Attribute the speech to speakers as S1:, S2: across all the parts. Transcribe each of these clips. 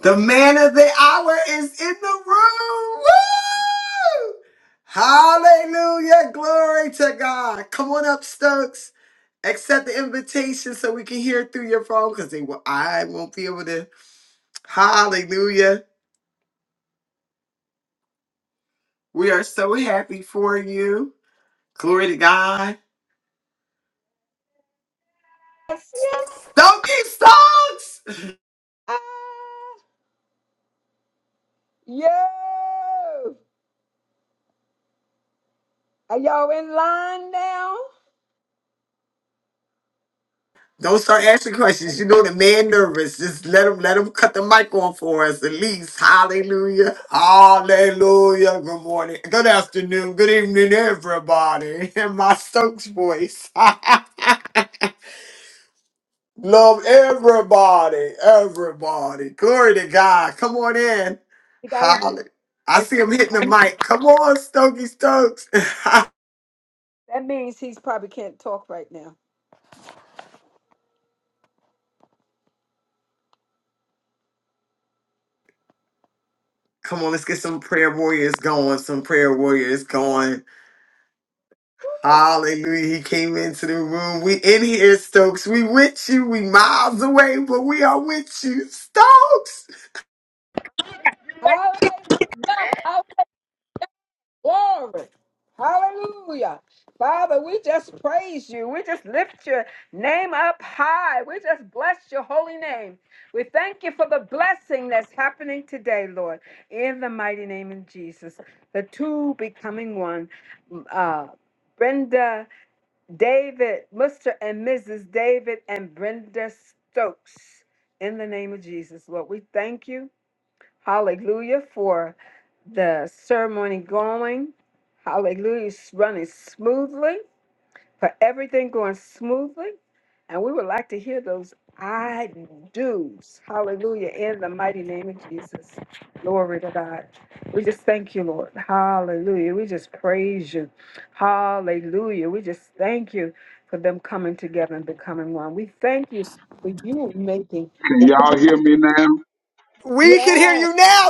S1: The man of the hour is in the room. Woo! Hallelujah. Glory to God. Come on up, Stokes. Accept the invitation so we can hear through your phone because they will I won't be able to. Hallelujah. We are so happy for you. Glory to God.
S2: Yes, yeah.
S1: Stokey Stokes!
S2: Uh, Yo. Are y'all in line now?
S1: Don't start asking questions. You know the man nervous. Just let him let him cut the mic on for us at least. Hallelujah. Hallelujah. Good morning. Good afternoon. Good evening, everybody. In my Stokes voice. Love everybody. Everybody. Glory to God. Come on in.
S2: He got his
S1: Hallelujah. I
S2: voice.
S1: see him hitting the mic. Come on, Stokey Stokes.
S2: That means he's probably can't talk right now.
S1: Come on, let's get some prayer warriors going. Some prayer warriors going. Hallelujah. He came into the room. We in here, Stokes. We with you. We miles away, but we are with you. Stokes!
S2: Hallelujah. Glory. Hallelujah. Father, we just praise you. We just lift your name up high. We just bless your holy name. We thank you for the blessing that's happening today, Lord, in the mighty name of Jesus. The two becoming one. Uh, Brenda. David, Mr. and Mrs. David and Brenda Stokes. In the name of Jesus, Lord, we thank you. Hallelujah for the ceremony going. Hallelujah, it's running smoothly for everything going smoothly. And we would like to hear those I do's. Hallelujah. In the mighty name of Jesus. Glory to God. We just thank you, Lord. Hallelujah. We just praise you. Hallelujah. We just thank you for them coming together and becoming one. We thank you for you making.
S3: Can y'all hear me now?
S1: We can hear
S2: Yes.
S1: you now,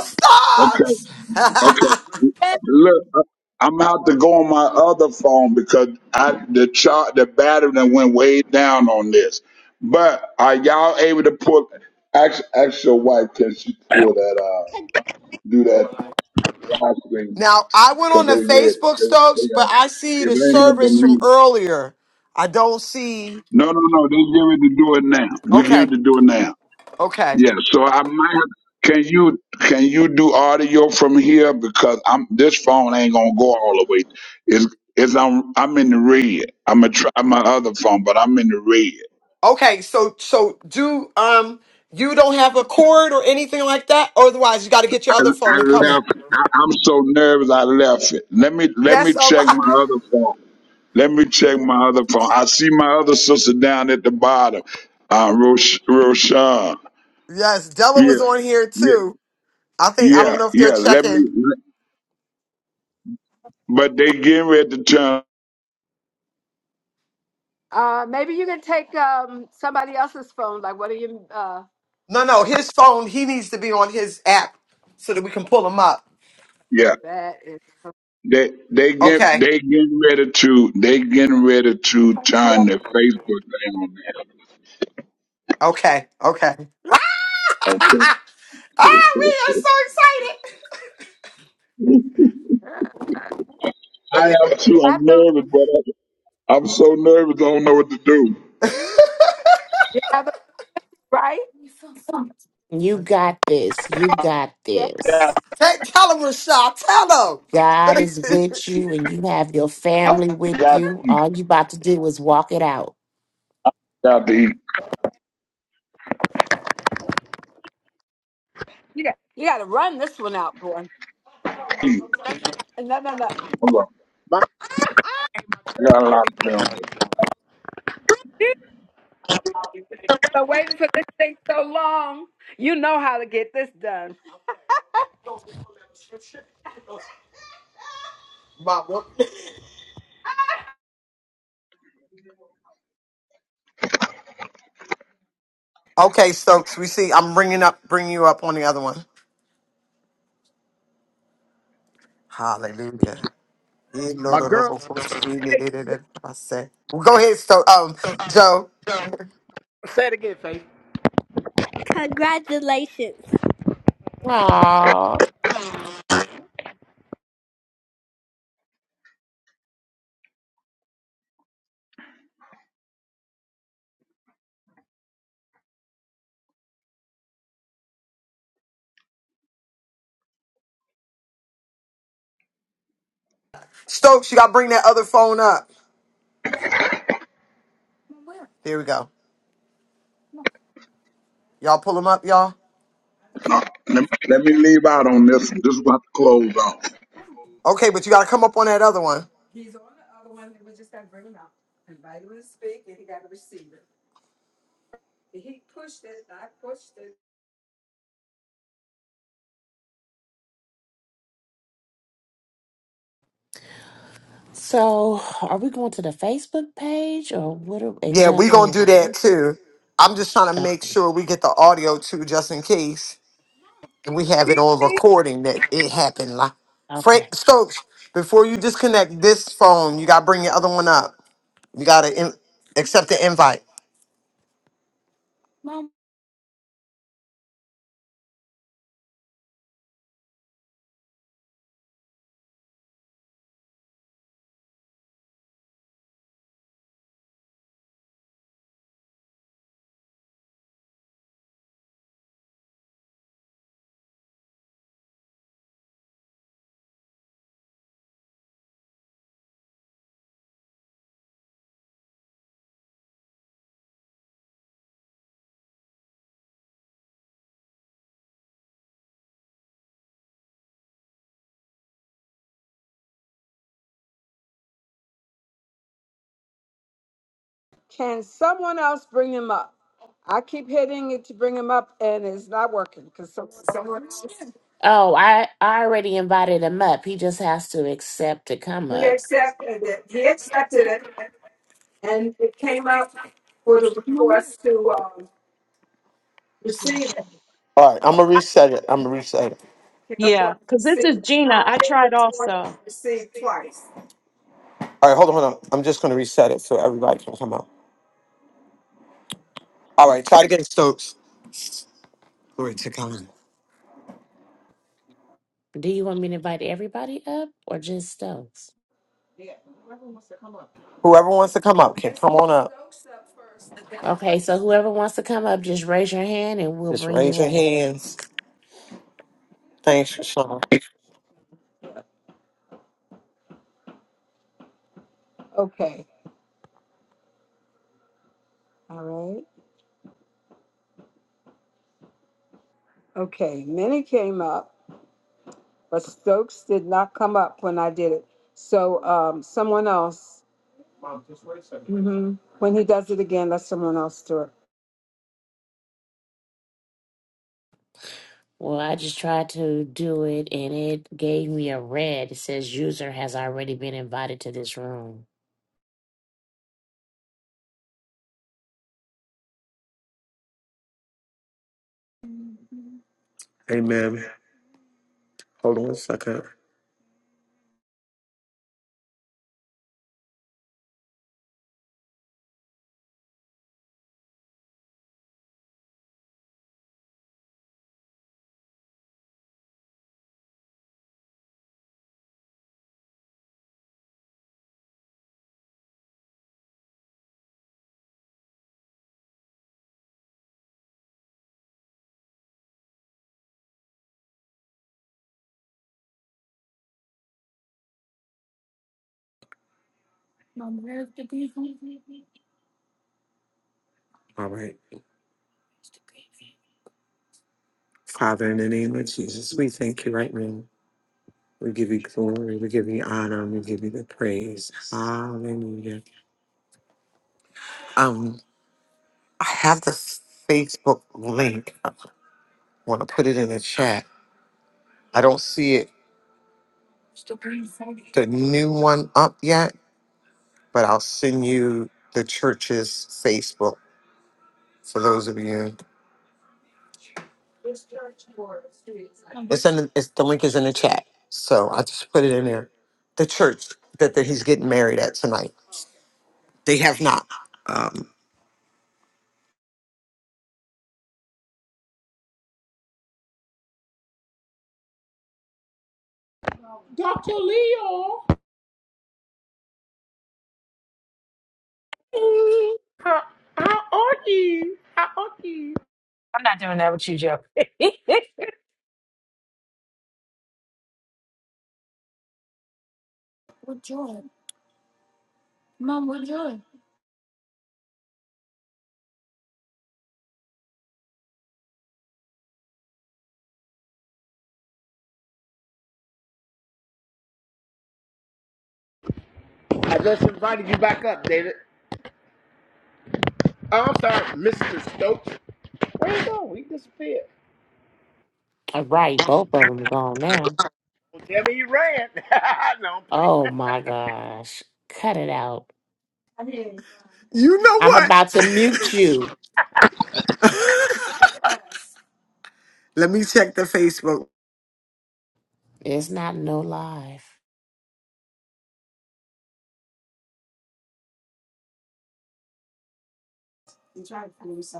S3: Okay,
S1: Stokes!
S3: okay. Look, I'm out to go on my other phone because I the chart the battery that went way down on this. But are y'all able to pull? Ask, ask your wife can she pull that uh do that live stream
S1: now, I went on
S3: because
S1: the
S3: they read it.
S1: Facebook,
S3: They, they,
S1: Stokes, but
S3: ain't-
S1: I see
S3: it
S1: the
S3: ain't up to
S1: service from
S3: me.
S1: earlier. I don't see.
S3: No, no, no. They get ready to do it now. We get
S1: Okay,
S3: ready to do it now.
S1: okay.
S3: Yeah, so I might have, can you can you do audio from here because I'm this phone ain't gonna go all the way. It's it's I'm I'm in the red. I'm gonna try my other phone, but I'm in the red.
S1: Okay, so, so do, um, you don't have a cord or anything like that? Otherwise, you got to get your
S3: I,
S1: other phone and
S3: I
S1: come
S3: left.
S1: in.
S3: I, I'm so nervous. I left it. Let me let me
S1: That's all
S3: check
S1: right.
S3: my other phone. Let me check my other phone. I see my other sister down at the bottom. Uh, Rosh, Roshan.
S1: Yes, Della
S3: Yeah,
S1: was on here
S3: yeah,
S1: too. I think I
S3: yeah,
S1: don't know if they're
S3: yeah. Let me.
S1: checking.
S3: But they getting ready to turn.
S2: Uh, maybe you can take um, somebody else's phone. Like, what are you? Uh,
S1: No, no, his phone. He needs to be on his app so that we can pull him up.
S3: Yeah.
S2: that is.
S3: They they get
S1: Okay,
S3: they getting ready to they getting ready to turn their Facebook thing on there.
S1: okay, okay.
S3: Okay.
S1: Ah, we are
S3: I am
S2: Is
S3: too. I'm
S2: that the?
S3: nervous, but I, I'm so nervous. I don't know what to do.
S1: so excited.
S2: You have it right. Yeah,
S4: You got this. You got
S3: Yeah,
S4: this.
S1: Tell tell him, Rashad. Tell
S4: God
S1: him.
S4: is with you and you have your
S3: I
S4: family with
S3: forgot
S4: you. All you about to do is walk it out.
S3: got to eat.
S2: You got, you got to run this one out, boy. No, mom,
S3: clean.
S2: don't touch that. no, no. no.
S3: Hold on,
S5: My,
S3: I got a lot to play on this.
S2: You've been waiting for this thing so long. You know how to get this done. Mom, what?
S1: okay, Stokes. We see. I'm bringing up, bringing you up on the other one. Hallelujah. Well,
S5: my girl,
S1: go ahead, Stokes. Um, Joe
S5: say it again, Faith. Congratulations.
S4: Aww.
S1: Stokes, you got to bring that other phone up. Here we go. Y'all pull them up, y'all?
S3: No, let, me, let me leave out on this. one. This is about to close on.
S1: Okay, but you gotta come up on that other one.
S4: So are we going to the Facebook page or what are,
S1: Yeah, we
S4: exactly
S1: gonna do
S4: are
S1: that
S4: we-
S1: too. I'm just trying to make
S4: Okay.
S1: sure we get the audio too, just in case. And we have it on recording that it happened. Like,
S4: okay.
S1: Frank Stokes, before you disconnect this phone, you gotta bring your other one up. You gotta in- accept the invite.
S2: Can someone else bring him up? I keep hitting it to bring him up, and it's not working. Because some
S4: Oh, I, I already invited him up. He just has to accept to come up.
S2: and for the receiver.
S1: All right, I'm gonna reset it. I'm gonna reset it.
S2: for
S6: Yeah, because this
S2: the-
S6: is Gina. I tried also.
S1: All right, hold on, hold on. I'm just gonna reset it so everybody can come up. All right, try to get Stokes. Glory to God.
S4: Do you want me to invite everybody up or just those?
S2: Yeah, whoever wants to come up.
S1: Whoever wants to come up can come on
S4: Okay,
S1: up.
S4: so whoever wants to come up, just raise your hand and we'll
S1: Just
S4: bring
S1: raise
S4: you
S1: your
S4: up.
S1: hands. Thanks, Rashawn.
S2: Okay. All right. Okay. Minnie came up. but Stokes did not come up when I did it. So um, someone else. Mom, just wait a Mhm. When he does it again, let someone else do it.
S4: Well, I just tried to do it and it gave me a red. It says user has already been invited to this room.
S1: Amen. Hold on. All right. Father, in the name of Jesus, we thank you right now. We give you glory. We give you honor. We give you the praise. Hallelujah. Um, I have the Facebook link. I want to put it in the chat. I don't see it, the new one up yet, but I'll send you the church's Facebook for those of you. It's in the, it's, the link is in the chat. So I just put it in there. The church that, that he's getting married at tonight. They have not. Um,
S5: Dr. Leo,
S7: I'm
S5: how, how are you? How are you?
S7: not doing that with you, Joe.
S5: I just invited you back up, David. Oh, I'm sorry, Mr. Stokes. Where you go? He disappeared.
S4: All right, both of them gone now.
S5: Yeah, I mean, he ran.
S4: Oh my gosh. Cut it out.
S1: you know
S4: I'm
S1: what?
S4: about to mute you.
S1: Let me check the Facebook.
S4: It's not no live.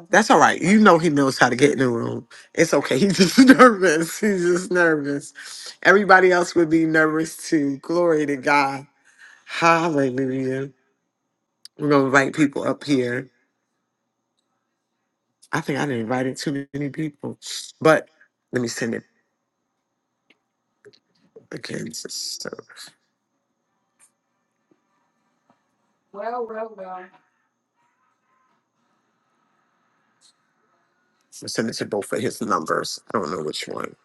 S1: That's all right. You know he knows how to get in the room. It's okay. He's just nervous. He's just nervous. Everybody else would be nervous too. Glory to God. Hallelujah. We're gonna invite people up here. I think I didn't invite too many people. But let me send it. Okay, so I'm sending to both of his numbers. I don't know which one.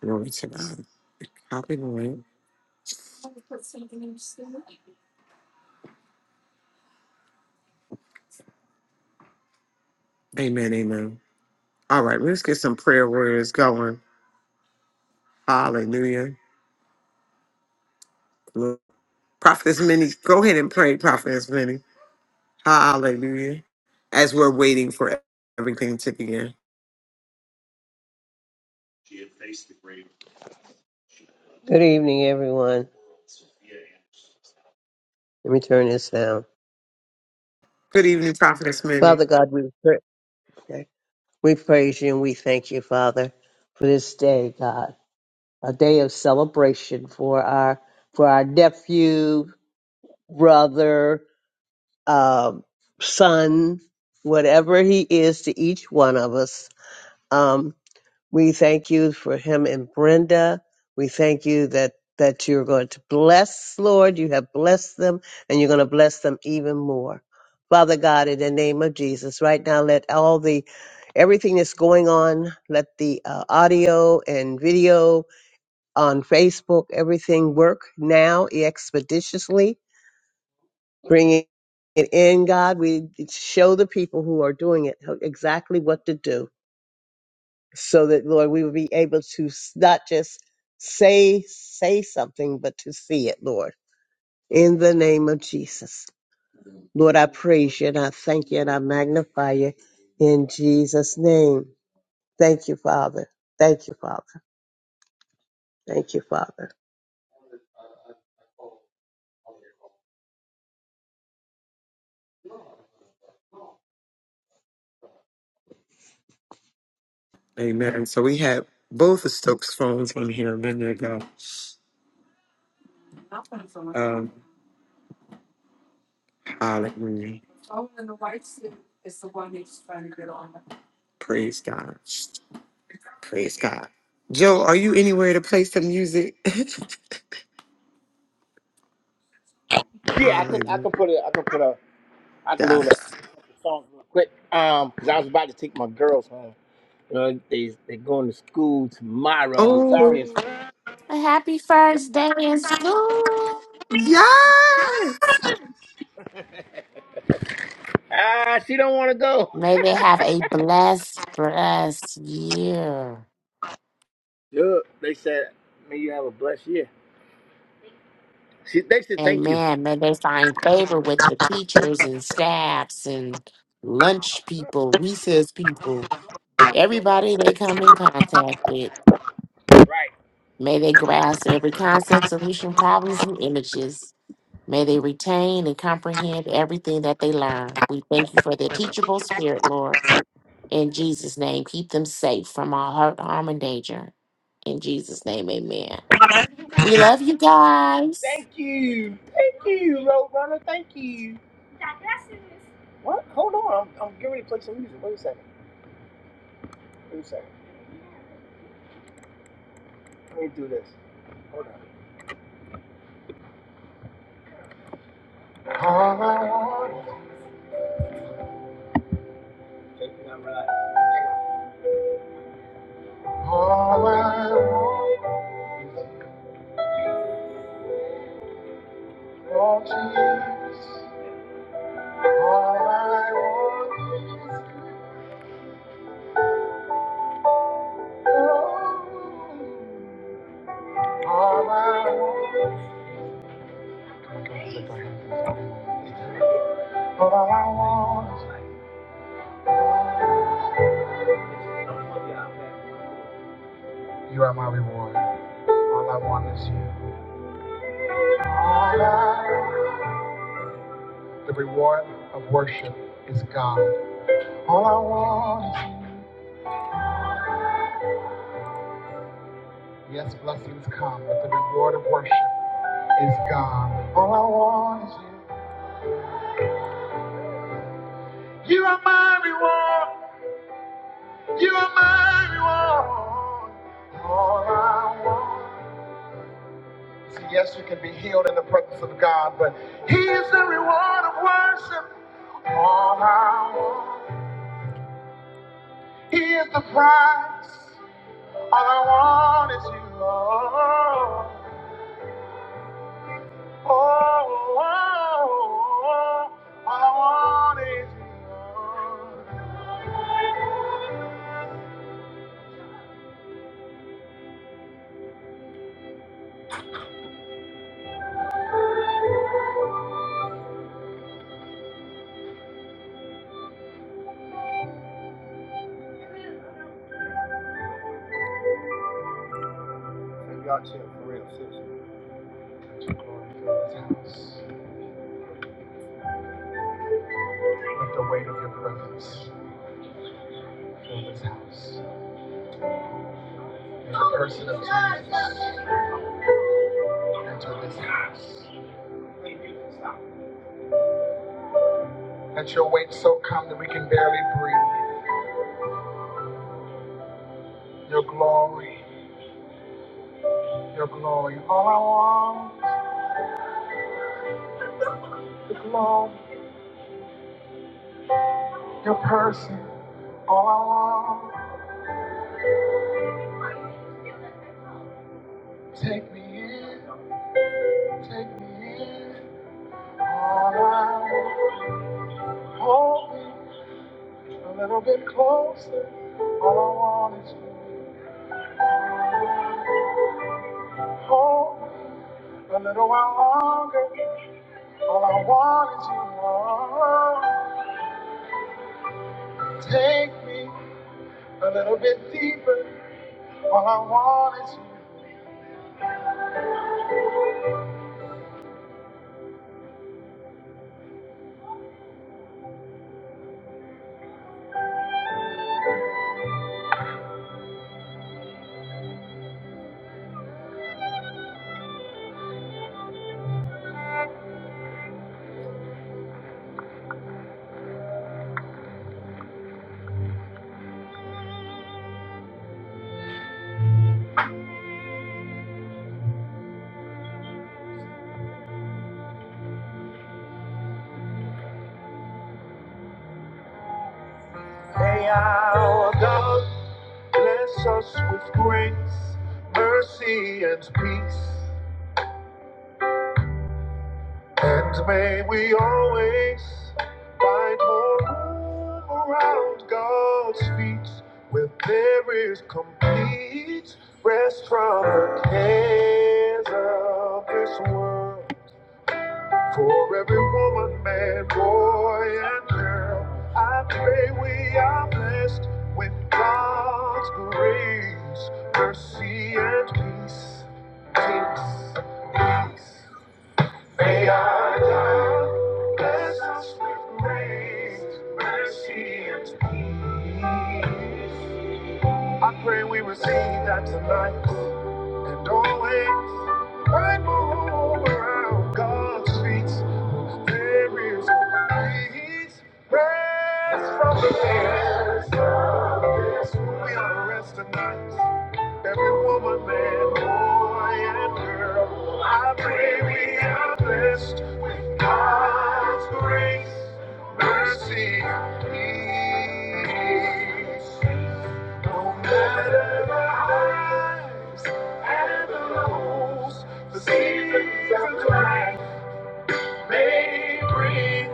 S1: Glory to God. Copy the link. Amen, amen. All right, let's get some prayer warriors going. Hallelujah. Look, Prophetess Minnie, go ahead and pray, Prophetess Minnie. Hallelujah. As we're waiting for everything to begin.
S8: Good evening, everyone. Let me turn this down.
S1: Good evening, Prophetess Minnie.
S8: Father God, we pra- we praise you and we thank you, Father, for this day, God, a day of celebration for our for our nephew, brother, um, son, whatever he is to each one of us. Um, We thank you for him and Brenda. We thank you that that you're going to bless, Lord. You have blessed them and you're going to bless them even more. Father God, in the name of Jesus, right now, let all the everything that's going on, let the uh, audio and video on Facebook, everything work now expeditiously. Bring it in, God. We show the people who are doing it exactly what to do so that Lord, we would be able to s- not just say say something, but to see it, Lord. In the name of Jesus, Lord, I praise you and I thank you and I magnify you in Jesus' name. Thank you, Father. Thank you, Father. Thank you, Father.
S1: Amen. So we have both the Stokes phones on here a minute ago. Um, hallelujah. Praise God. Praise God. Joe, are you anywhere to play some music?
S5: Yeah, I can, I
S1: Hallelujah.
S5: can put a, I can put a, I can load up the songs real quick. Um, cause I was about to take my girls home. You know, they they going to school tomorrow.
S1: Oh,
S5: Zaria's
S4: A happy first day in school.
S1: yes.
S5: ah, she don't want to go.
S4: May they have a blessed, blessed year.
S5: Look, they said, may you have a blessed year. She, they said thank you.
S4: Amen. May they find favor with the teachers and staffs and lunch people, recess people.
S5: Don't log
S4: Everybody
S5: off.
S4: they come in contact with,
S5: Right.
S4: may they grasp every concept, solution, problems, and images. May they retain and comprehend everything that they learn. We thank you for their teachable spirit, Lord. In Jesus' name, keep them safe from all hurt, harm, and danger. In Jesus' name, amen. We love you guys.
S5: Thank you. Thank you, Roadrunner. Thank you. What? Hold on. I'm, I'm getting ready to play some music. Wait a second. Wait a second. Let me do this. Hold on. Oh, All I want. All I want. You are my reward. All I want is you. All I want. The reward of worship is God. All I want is you. Yes, blessings come, but the reward of worship is God. All I want is you. You are my reward. You are my reward. All I want. See, yes, you can be healed in the presence of God, but He is the reward of worship. All I want. He is the prize. All I want is you. Oh, oh, oh, oh. oh. All I want is you. Real sister, glory to this house. Let the weight of your presence fill this house. May the person of Jesus enter this house. Let your weight so come that we can barely breathe. Your glory, your glory. All I want, the glory, your person. All I want, take me in, take me in. All I want, hold me a little bit closer. All I want is you. Hold me. A little while longer, all I want is you. Oh, take me a little bit deeper, all I want is you. Now God bless us with grace, mercy, and peace, and may we always find more room around God's feet, where there is complete rest from the cares of this world. For every woman, man, boy, and girl, I pray we are blessed with God's grace, mercy, and peace. Peace, peace. May our God bless us with grace, mercy, and peace. I pray we receive that tonight and always find room around God's feet. There is peace, rest from the cares. We are to rest tonight. Every woman, man, boy, and girl. I pray we are blessed with God's grace, mercy, peace. No matter the highs and the lows, the seasons of life may bring.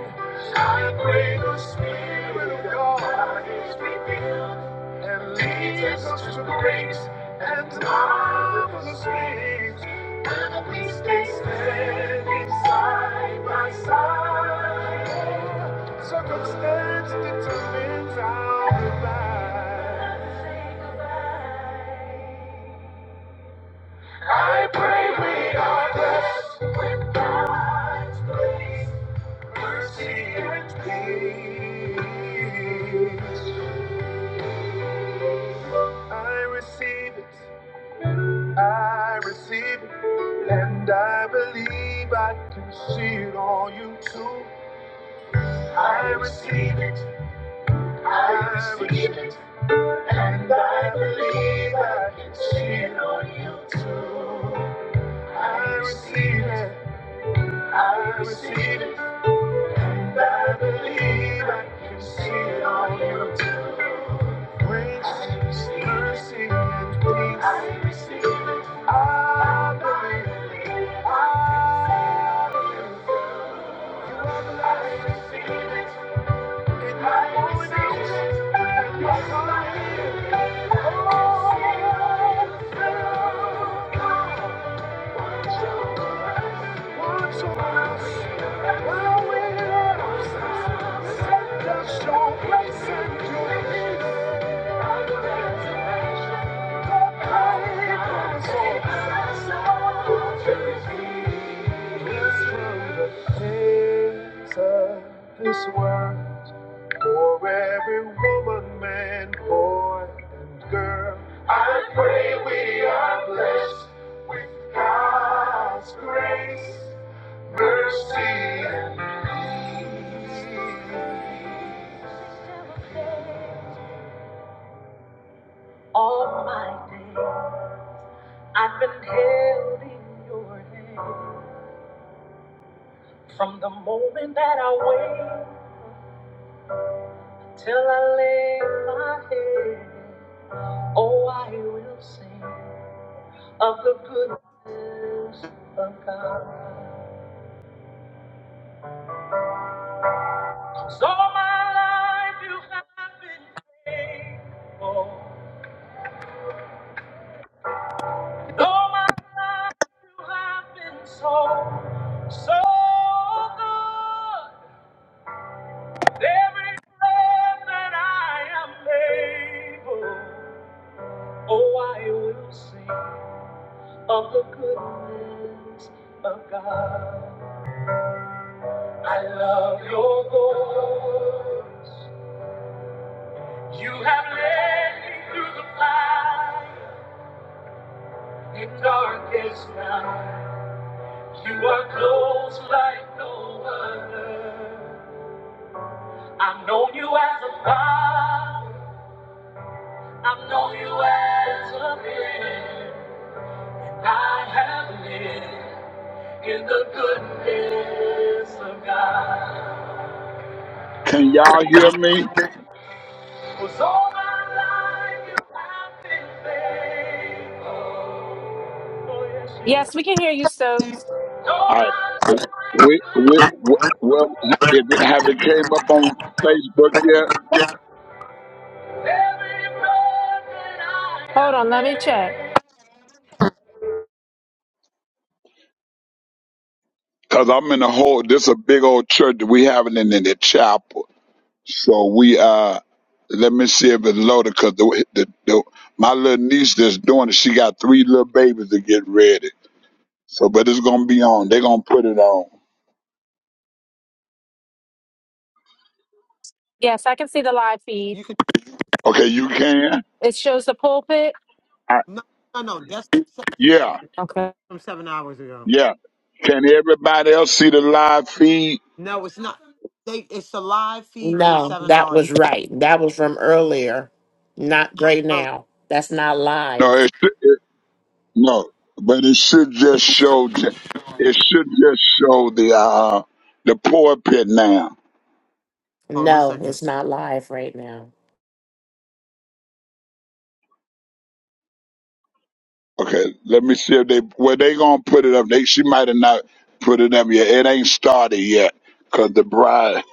S5: I pray the Spirit of God is revealed and leads us to great and marvelous things. When we stay standing side by side, circumstance determines our lives. I pray we are blessed with God's grace, mercy, and peace. I receive it, I receive it, and I believe I can see it on you too. I receive it, I receive it, and I believe I can see it on you too. I receive it, I receive it. I believe I can see it on you. Grace, mercy, and peace. I receive it. I believe. it. I believe. it. You are the light. I receive it. This world. For every woman, man, boy, and girl, I pray we are blessed with God's grace, mercy, and peace. All my days, I've been held in your hand. From the moment that I wake till I lay my head, oh, I will sing of the goodness of God. So my life you have been faithful. Though my life you have been so, so good. With every breath that I am able, oh, I will sing of the goodness of God. I love your voice. You have led me through the fire in darkest night. You are close like no other. I've known you as a father. I've known you as a friend. I have lived in the goodness of God.
S9: Can y'all hear me?
S5: Was all my life you have been faithful. Oh yes, you
S7: yes, we
S5: have.
S7: can hear you, Stokes.
S5: All
S9: I
S5: my life.
S9: we we, we well, if it, have it came up on Facebook yet?
S5: Every broken heart.
S7: Hold on, let me check.
S9: Cause I'm in a whole. This a big old church. that We having it in the chapel. So we uh, let me see if it's loaded. Cause the, the, the my little niece that's doing it, she got three little babies to get ready. So, but it's gonna be on. They're gonna put it on.
S7: Yes, I can see the live feed.
S2: You can
S9: Okay, you can.
S7: It shows the pulpit.
S9: I,
S2: no no no. That's
S9: yeah,
S7: Okay. come
S2: from seven hours ago.
S9: yeah. Can everybody else see the live feed?
S2: No, it's not. They it's a live feed from
S4: No,
S2: seven
S4: that
S2: hours
S4: was right. That was from earlier. Not right
S2: early.
S4: now. That's not live.
S9: No, No, but it should just show. j- It should just show the uh the pulpit now.
S2: Hold on one
S4: No,
S2: second.
S4: it's not live right now.
S9: Okay, let me see if they where they gonna put it up. They she might have not put it up yet. It ain't started yet because the bride.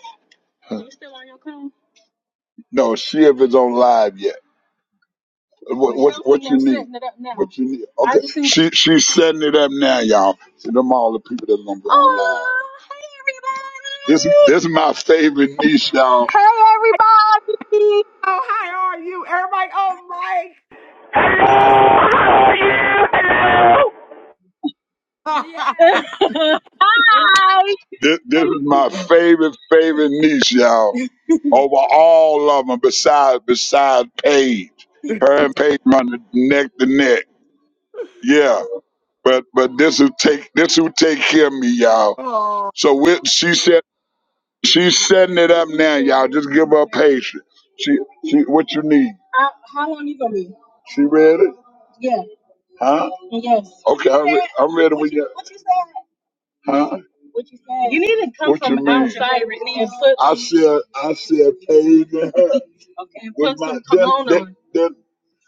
S9: No, see if it's on live yet. What what, what you need? What you need? Okay, she she's setting it up now, y'all. See them all the people that's gonna be on live. This this is my favorite niche, y'all.
S2: Oh hi, are you? Everybody, oh Mike, we must.
S10: Hello, how are you? Hello.
S2: Yes. Wait.
S9: Hi. This, this is my favorite, favorite niece, y'all. Over all of them, besides besides Paige. Her and Paige run the neck to neck. Yeah, but but this will take this will take care of me, y'all.
S2: oh,
S9: So we, she said she's setting it up now, y'all. Just give her patience. She she what you need? Uh, how long you gonna be? She ready? Yeah. Huh? Yes. Okay, I'm, re- I'm ready with you. Huh? What you say? You need to come What from you mean? outside with me and put I see a, I see a paved in her. okay. put my, some cologne then, on. then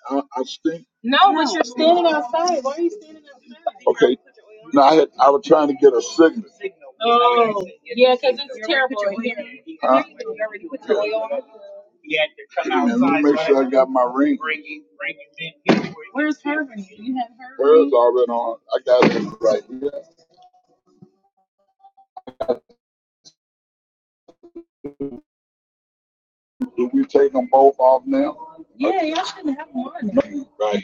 S9: I, I stink. No, no, but you're standing outside. Why are you standing outside? Okay. Now I had, I was trying to get a signal. Yeah, because it's terrible in here. Huh? Hey, man, let me make sure I got my ring. Where's her ring? You have her ring? Hers already on. I got it right here. Do we take them both off now? Yeah, y'all shouldn't have one Right here.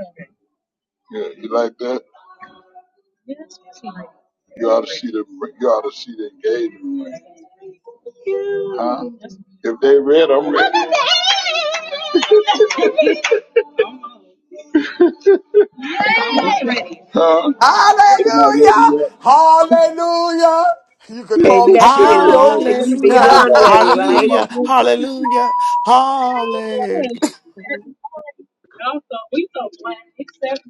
S9: Okay. Yeah, you like that? Yes, Yeah, that's pretty. You ought to see the you ought to see the engagement ring. Huh? If they read, I'm ready. I'm ready. Huh? They're not ready
S1: Hallelujah!
S9: yet.
S1: Hallelujah! You could
S8: Okay,
S1: call me
S8: nephew, you
S1: Cheerios.
S8: you
S9: Because
S4: Yup,
S8: beyond
S9: all the
S8: ready,
S9: people in
S8: right?
S9: my room.
S4: yup.
S9: Y'all so we so black except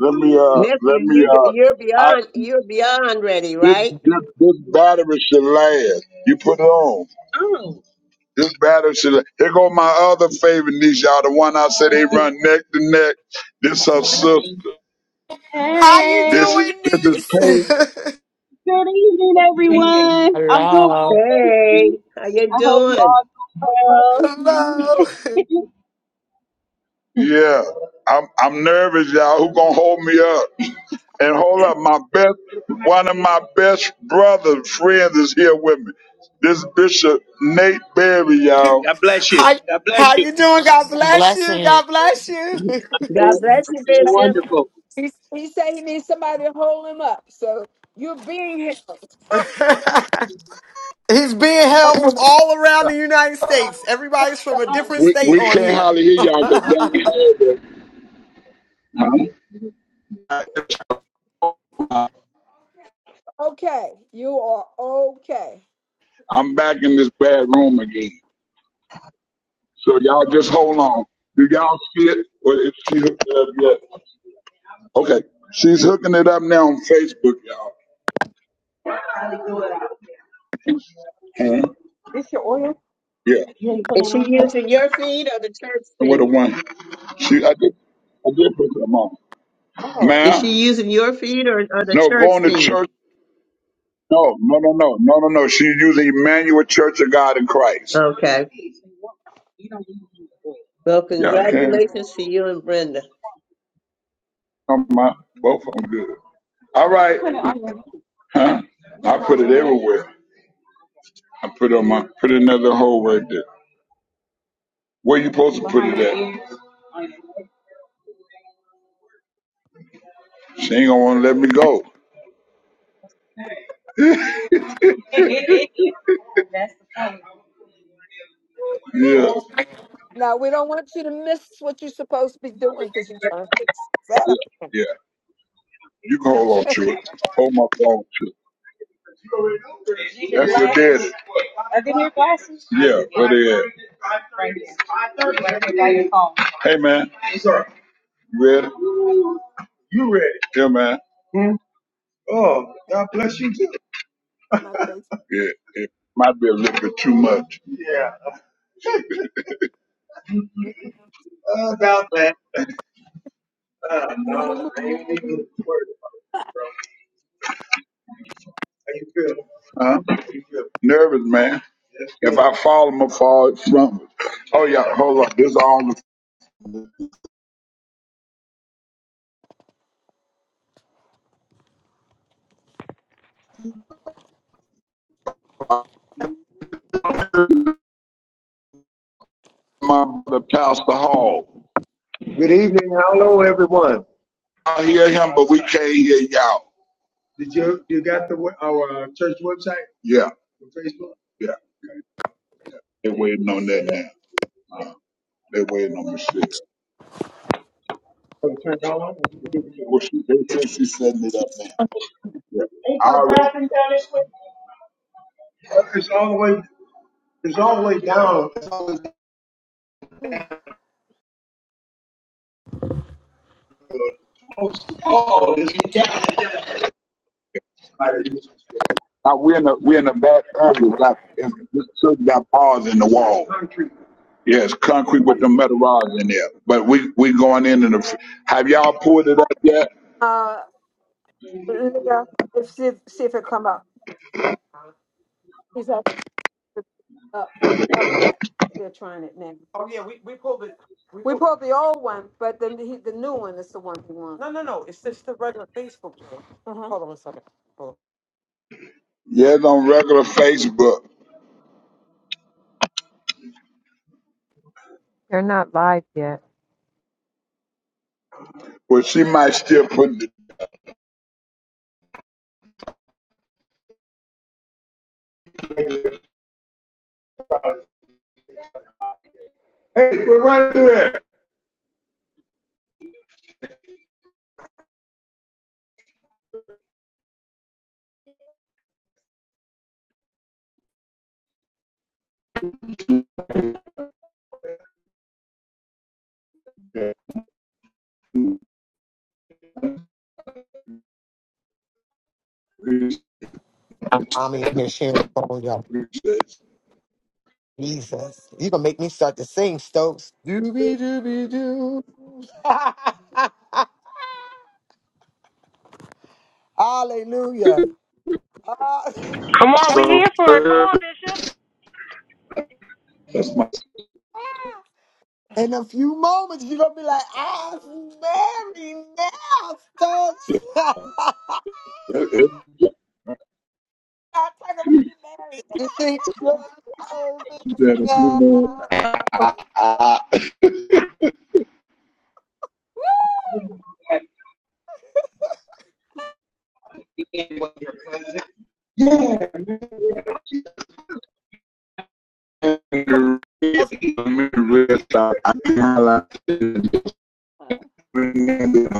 S9: Let me uh let
S8: Nephew,
S9: me
S8: you
S9: uh
S8: you're
S9: I
S8: beyond you're beyond ready,
S9: This,
S8: right?
S9: this, this battery should last. You put it on. This battery should last. Here go my other favorite niece, y'all. The one I said they run neck to neck. This her sister.
S1: How you
S9: This,
S1: doing,
S9: this is
S1: niece?
S9: Paige. Good evening, everyone. I'm doing
S4: Hello.
S9: well, thank
S8: Hey,
S9: you.
S8: how you
S9: I hope you
S8: doing?
S2: Uh-uh.
S9: all doing well.
S1: Hello.
S9: Yeah, I'm I'm nervous, y'all. Who gonna hold me up? And hold up, my best one of my best brother friends is here with me. This Bishop Nate Berry, y'all.
S1: How how you doing? God bless you.
S4: Blessing.
S1: God bless you.
S8: God bless you, Bishop.
S2: He, he said he needs somebody to hold him up. So you're being
S1: He's being held
S2: held.
S1: from all around the United States. Everybody's from a different
S9: We
S1: state
S9: we
S1: on
S9: can't
S1: here.
S9: hardly hear y'all get down.
S2: Okay, you are okay.
S9: I'm back in this bad room again. So y'all just hold on. Do y'all see it? Or is she hooked it up yet? Okay. She's hooking it up now on Facebook, y'all. Huh? Yeah. You ain't put it
S8: Is she
S9: on there?
S8: using your feed or the church
S9: With a
S8: feed?
S9: one. She I did I did put them on. Oh.
S8: Is she
S9: Ma'am?
S8: using your feed or, or the
S9: No,
S8: church
S9: going to
S8: feed?
S9: church. No, no, no, no, no, no, no. She's using Emmanuel Church of God in Christ.
S8: Okay. Well,
S9: Yeah, I can.
S8: congratulations to you and Brenda.
S9: I'm my, both of them good. All right. Huh? I put it everywhere. I put it on my put another hole right there. Where you supposed to put it at? She ain't gonna wanna let me go. Yeah.
S2: Now we don't want you to miss what you're supposed to be doing because you're trying to set up
S9: Yeah. You can hold on to it. Hold my phone to it. That's it there. Are they your glasses? Yeah, where they at? Right Right Hey man, you ready? Yeah man.
S2: in my face.
S9: Yeah, it might be a little bit too much.
S2: I got it.
S9: Huh? Nervous, man. If I fall, I'm gonna fall from. Oh yeah, hold on. This is all the- my brother Pastor Hall. I hear him, but we can't hear y'all. Yeah, yeah. They're waiting on that now. Uh, they're waiting on Michelle. Well, she, they said she's setting it up now. Yeah. I already- we're in the we're in the back area. Like it's- this church got bars in the wall. Yes, concrete with the metal rods in there. But we we going in and the, have y'all pulled it up yet?
S2: Uh, Leah, if see, see if it come up. He's up, up up yet. They're trying it now. Oh yeah, we, we pulled it. We, we pulled, pulled the old one, but then he, the new one is the one he wants. No, no, no. It's just the regular Facebook. one. Uh-huh. Hold on a second. Hold
S9: Yes, on regular Facebook,
S11: They're not live yet.
S9: but she might still put. The, hey, we're right there.
S2: on. i here sharing the phone, y'all. Jesus. You gonna make me start to sing, Stokes. Doobie doobie doo. Hallelujah. Ah,
S7: Come on, on, we're here
S9: So
S7: for it. Come on,
S9: that's
S7: Bishop.
S9: my.
S2: in a few moments, you're gonna be like, I'm married now, Stokes.
S9: It's
S2: I'm talking about you married. You think you're
S9: that
S2: married
S9: if you
S2: now?
S9: know, I, I, yeah, man.
S2: Come on,
S9: I can highlight it. I,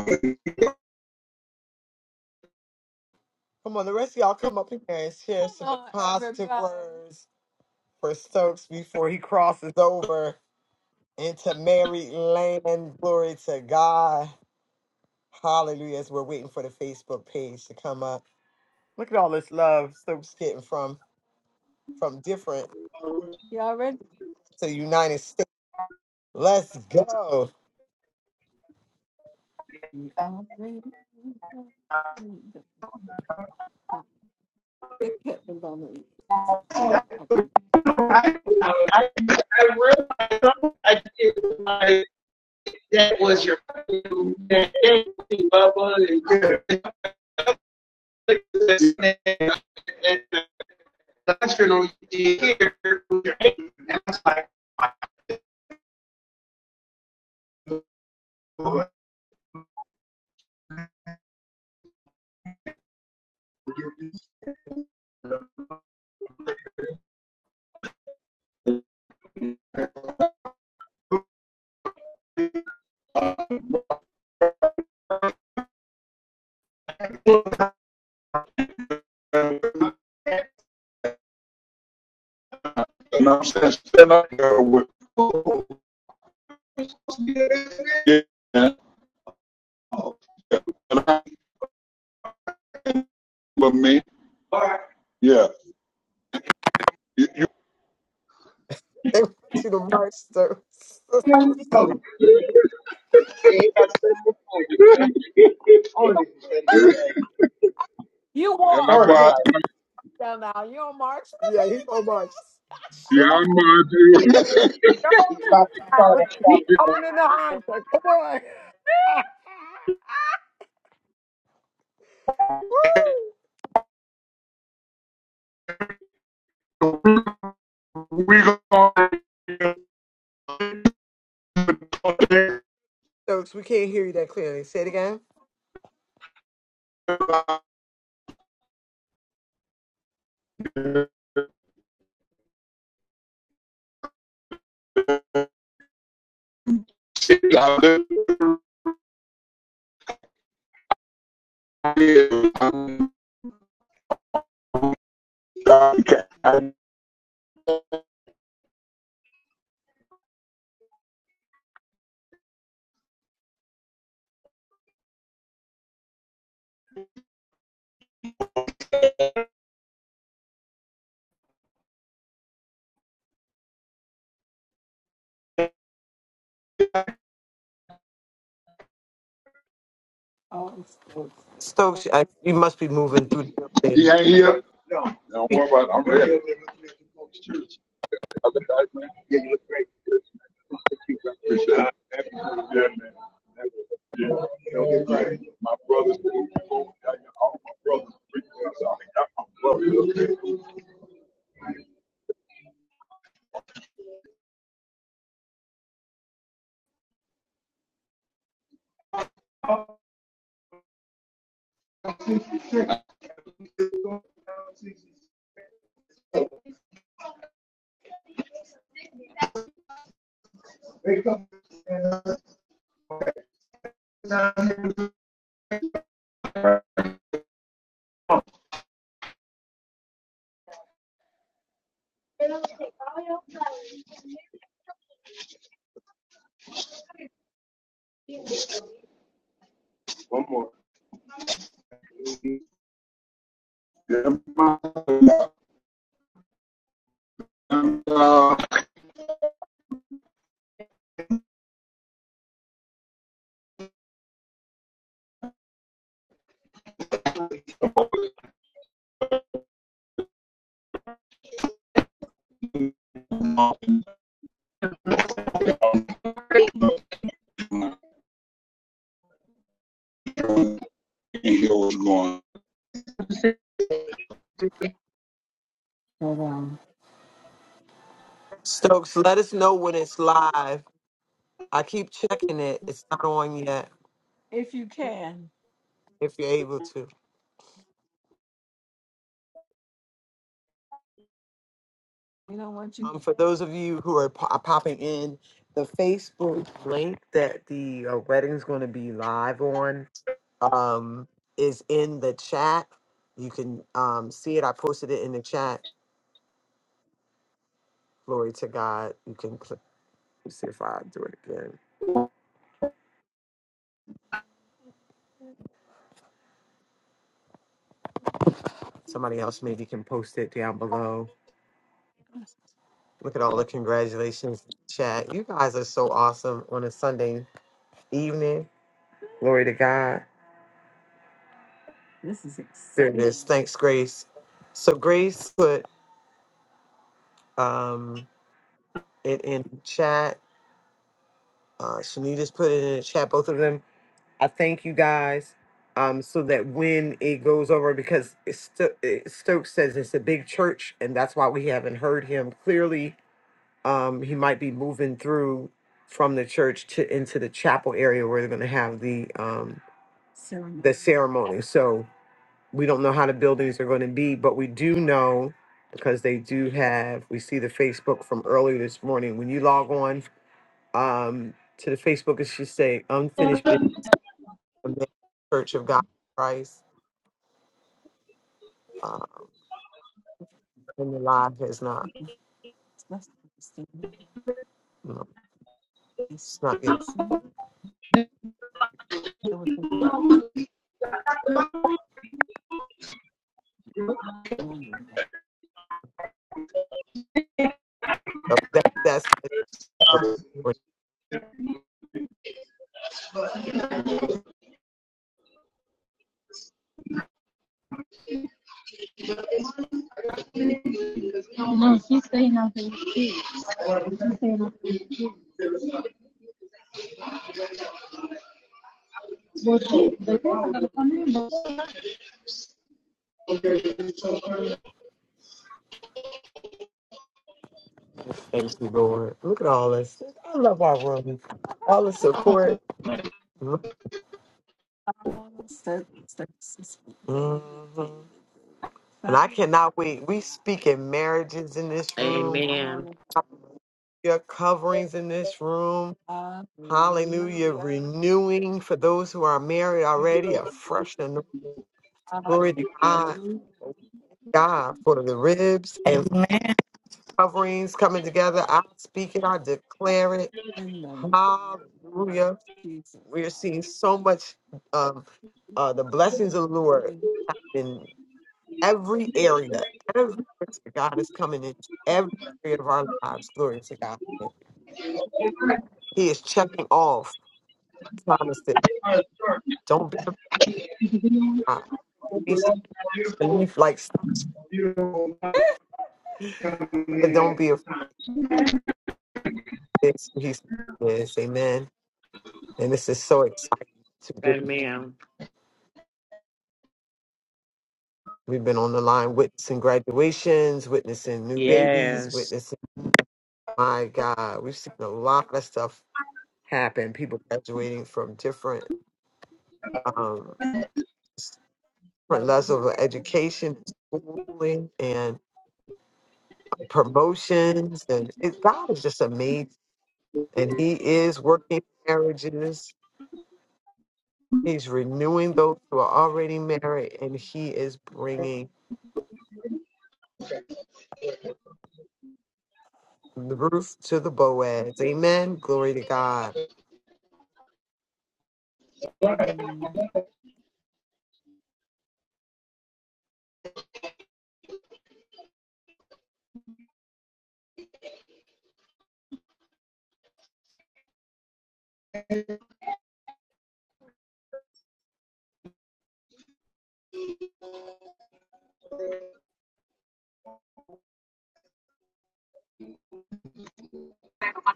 S2: come on, the rest of y'all come up here and share some Come on, positive everybody. words for Stokes before he crosses over. into Mary Land, Glory to God. Hallelujah. As we're waiting for the Facebook page to come up. Look at all this love Stokes getting from from different Y'all ready? to the United States. Let's go. Y'all ready? Look at the woman. Okay.
S9: I, I realized I did like that was your that Bubba. and national here. with your hand. That's like, oh, And I'm saying, stand up there with oh, oh. And I love me. Yeah. You, you,
S2: They want you to march, Stokes. You
S9: and
S2: walk
S9: I buy,
S2: that down the aisle. You don't march. yeah, he's gonna march.
S9: yeah,
S2: Strong
S9: I mind you.
S2: Look at coming in the Honda. Come on.
S9: we going
S2: So clearly. Say it again. Oh, Stokes. Stokes, I, you must be moving through the
S9: He
S2: building.
S9: ain't here. No, Don't worry about it. I'm ready. Other guys, man. Yeah, you look great. Appreciate it. Yeah, man. Yeah, you know, it's great. My brothers, all my brothers, so I got my brothers. One more. Yeah, my, uh, my brother, hear what's going on.
S2: Hold on. Stokes, let us know when it's live. I keep checking it. It's not on yet, If you can, if you're able to. you know, once you Um, for those of you who are, po- are popping in, the Facebook link that the uh, wedding's going to be live on um, is in the chat. You can um, see it. I posted it in the chat. Glory to God. You can click. Let's see if I do it again. Somebody else maybe can post it down below. Look at all the congratulations chat. You guys are so awesome on a Sunday evening. Glory to God. This is exciting. There it is. Thanks, Grace. So Grace put um, it in chat. Uh, Shanita's put it in the chat. Both of them I thank you guys um, so that when it goes over, because it's sto- it- Stokes says it's a big church, and that's why we haven't heard him clearly. Um, he might be moving through from the church to into the chapel area where they're going to have the um, the ceremony. So we don't know how the buildings are going to be, but we do know because they do have. We see the Facebook from earlier this morning. When you log on um, to the Facebook, it should say unfinished business the Church of God in Christ, uh, and your life has not, you know, it's not good. So that, that's for for-
S9: No, no, she's staying out there. She's staying out there. Well,
S2: thank you, Lord. Look at all this. I love our room. All the support. Mhm. And I cannot wait. We speak in marriages in this
S4: Amen.
S2: room. Your coverings in this room. Hallelujah. Renewing for those who are married already, a fresh anointing. Glory to God. God for the ribs and
S12: Amen.
S2: coverings coming together. I speak it, I declare it. In the name of Hallelujah. Jesus. We're seeing so much um, uh, the blessings of the Lord in every area. Every area God is coming in every area of our lives. Glory to God. He is checking off promises. Don't be afraid. He's believe like stops, but don't be afraid. He's yes, amen. And this is so exciting
S4: Amen.
S2: We've been on the line witnessing graduations, witnessing new babies,
S4: Yes.
S2: witnessing, my God, we've seen a lot of stuff happen. People graduating from different, um, different levels of education, schooling, and promotions. And it, God is just amazing. And He is working marriages, He's renewing those who are already married, and He is bringing the roof to the Boaz. Amen. Glory to God.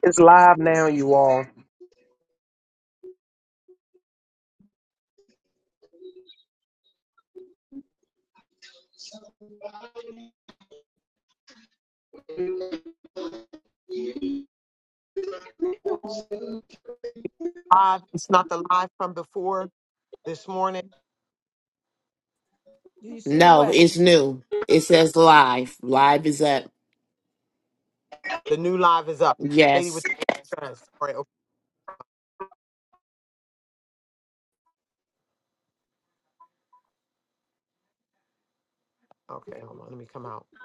S13: It's live now, you all.
S2: live. It's not the live from before this morning. Do you see the
S4: No, it's
S2: wedding?
S4: new. It says live. Live is up.
S2: The new live is up. Lady with
S4: Yes.
S2: the red dress. All right. Okay. okay, Hold on. Let me come out.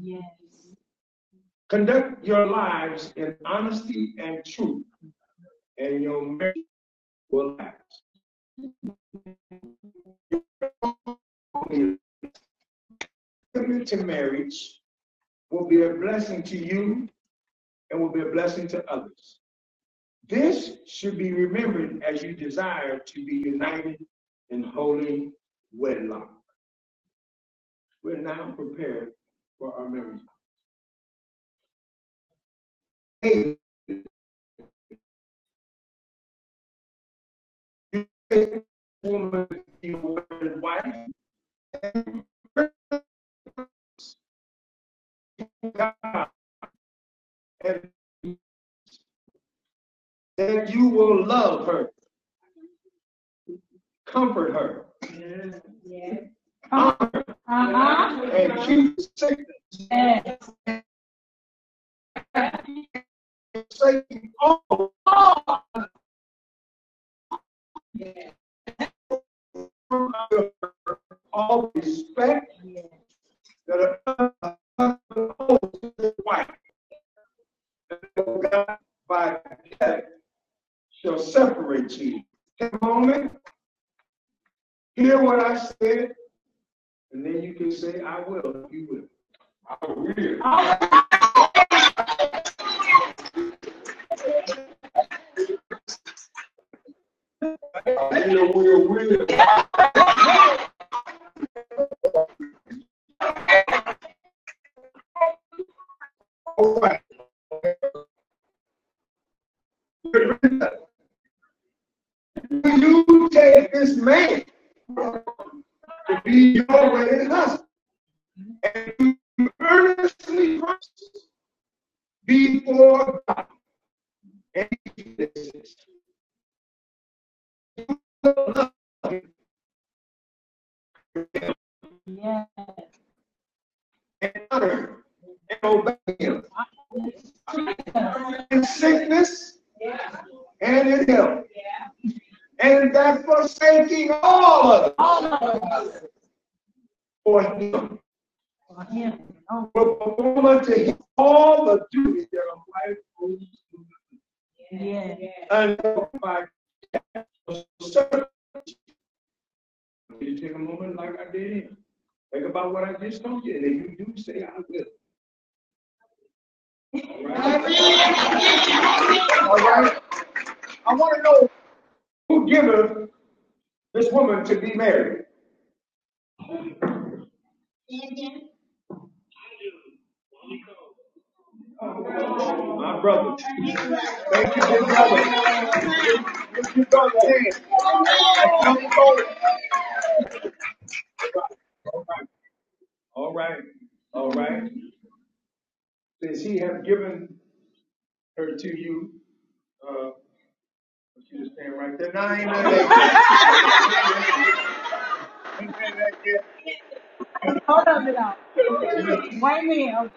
S9: Yes, Yeah. Yeah. Yeah. Hold up, it up. Wait a minute.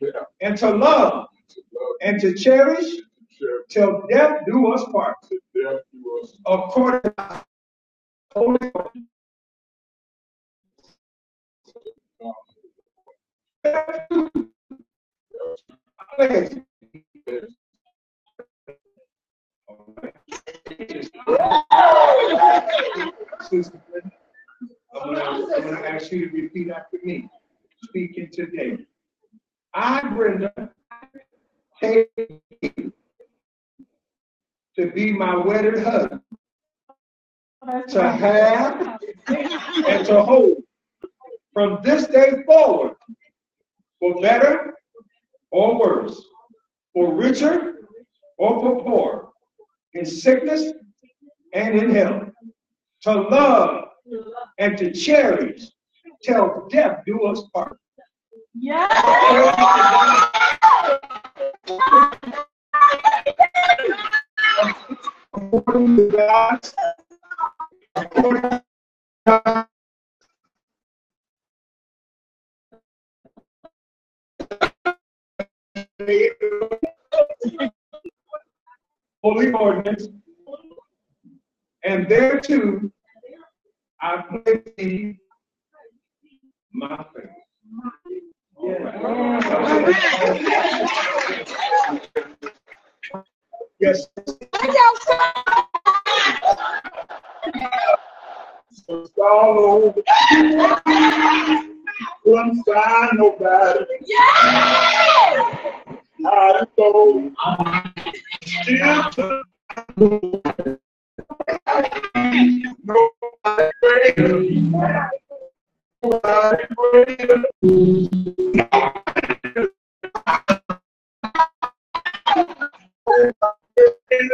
S9: Yeah. love and share the death to us. husband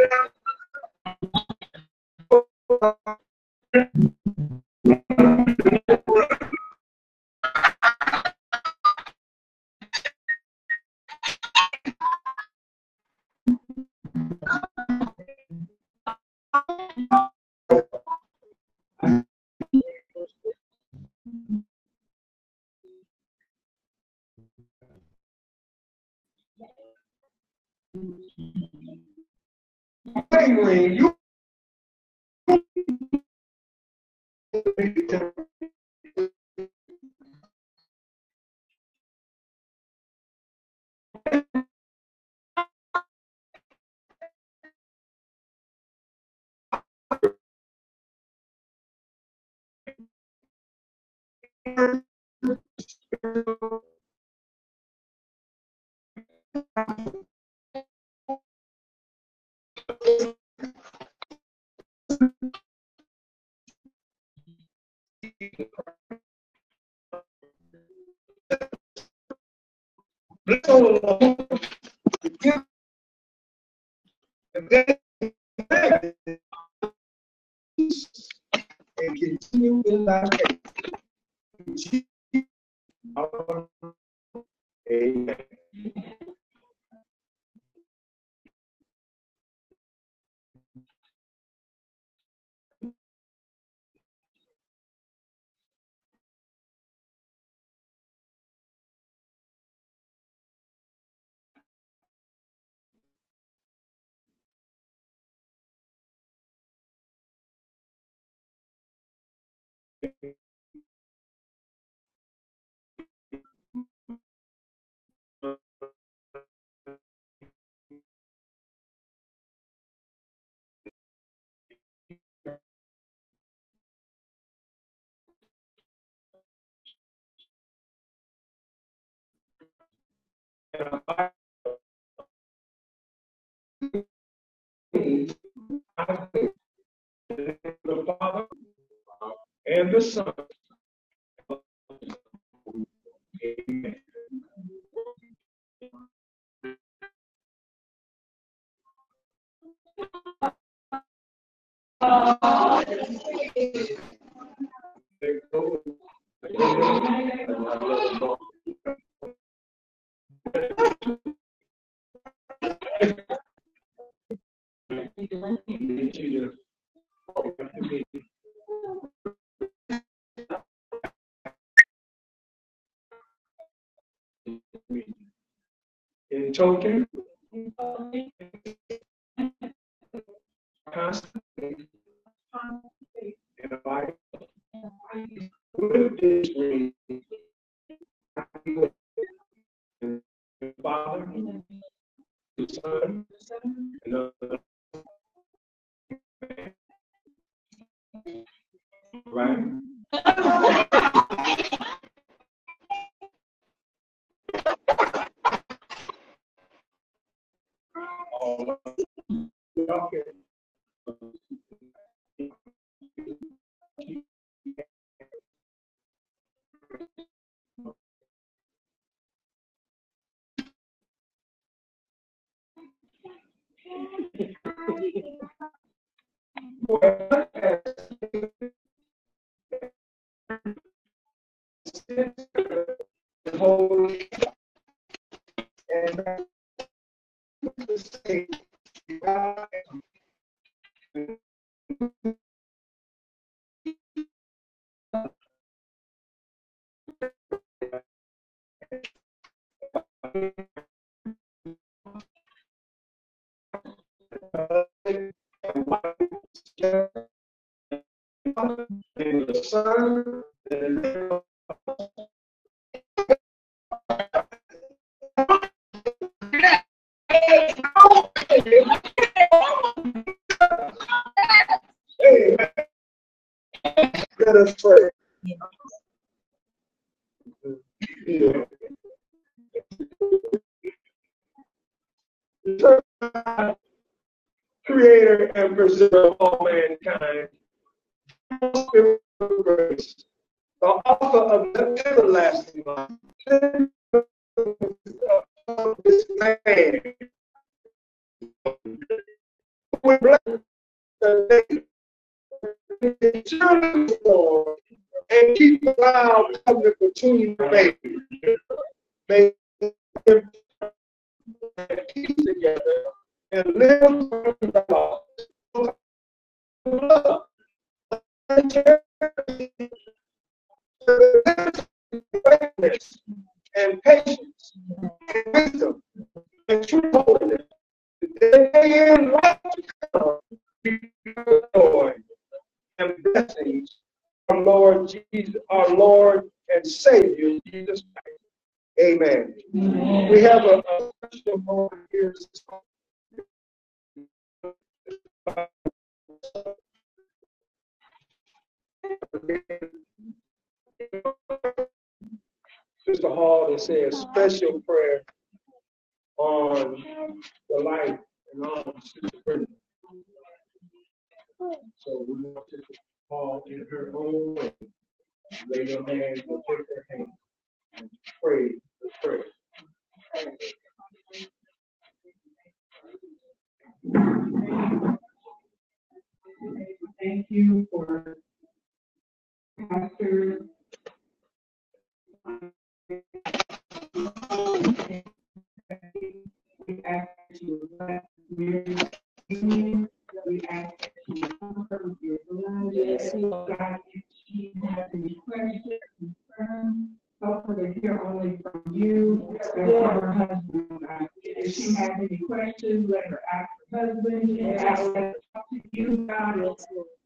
S9: whoever, our husband, and I talk to you about it,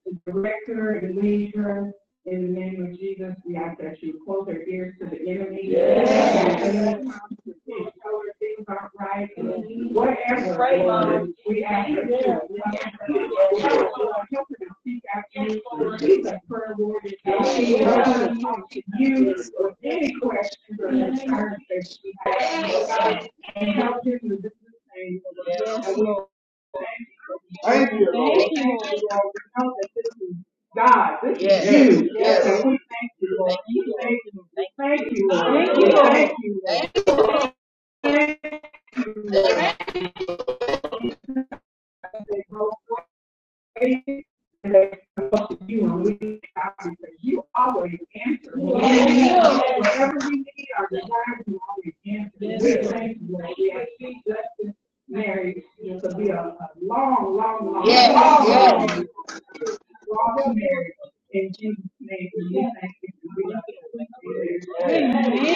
S9: the director and leader, in the name of Jesus, we ask that you close their ears to the enemy. Yes. Things aren't right, whatever. We ask you- we help her to seek out any particular prayer, Lord, that she is trying to talk to you or any questions or concerns that she has. And help her to this thing. And we'll thank you, Lord. We know that this is God, this is you. Yes. And we thank you, Lord. We Thank you. Lord. Thank you, Lord. Thank you, Lord. faith you and we ask you always answer. Whatever we need, our desires, you always answer. We thank you that we have seen justice married to be a, long, long, long, Yes, long, long, yes. long long marriage. In Jesus' name, we thank you. We love you.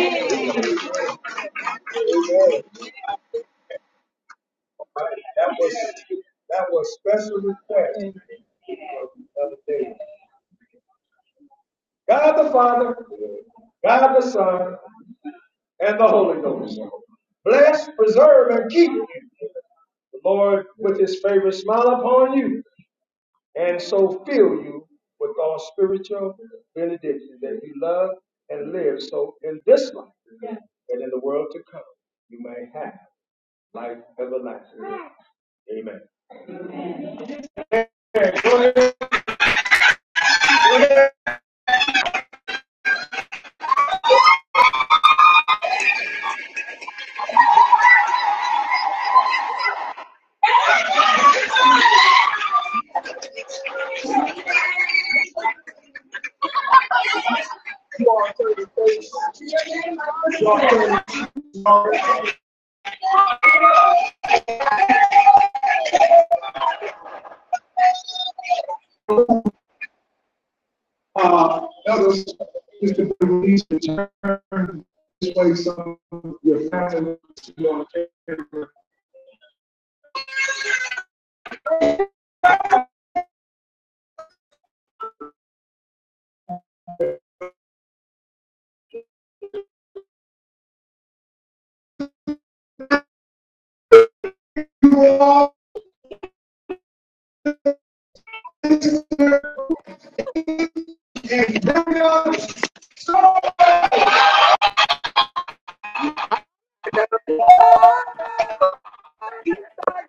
S2: Ah,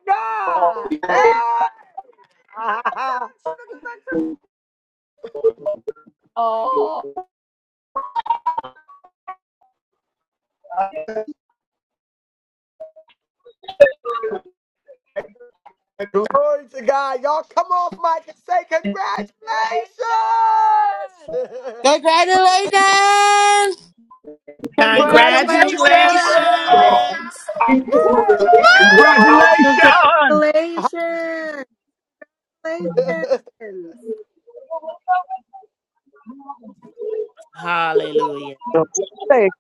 S2: God. Yeah. Oh, Glory to God. Y'all come off mic and say congratulations.
S14: Congratulations!
S6: Congratulations.
S12: Congratulations.
S4: Congratulations.
S10: Congratulations!
S12: Woo!
S15: Congratulations! Congratulations!
S4: Hallelujah.
S13: So, hey,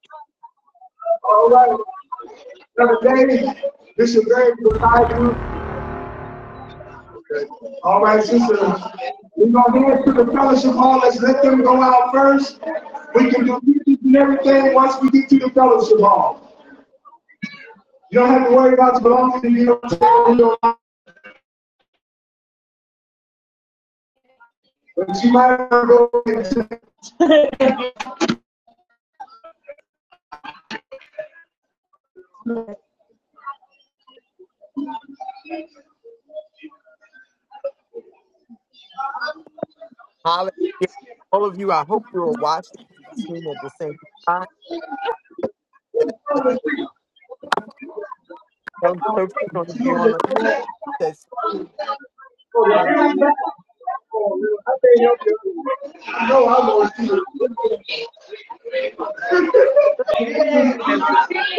S2: Hallelujah. All of you, I hope you are watching this stream at the same time. Those folks are going to be on the session.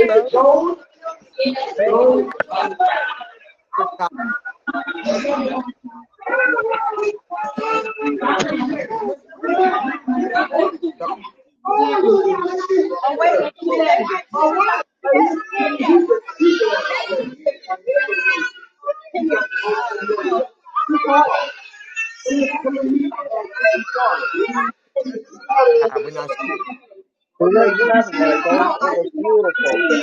S2: So grateful, God, so
S9: Amen. Awesome.
S2: God. We're not sure.
S8: It was lovely. They, it was beautiful.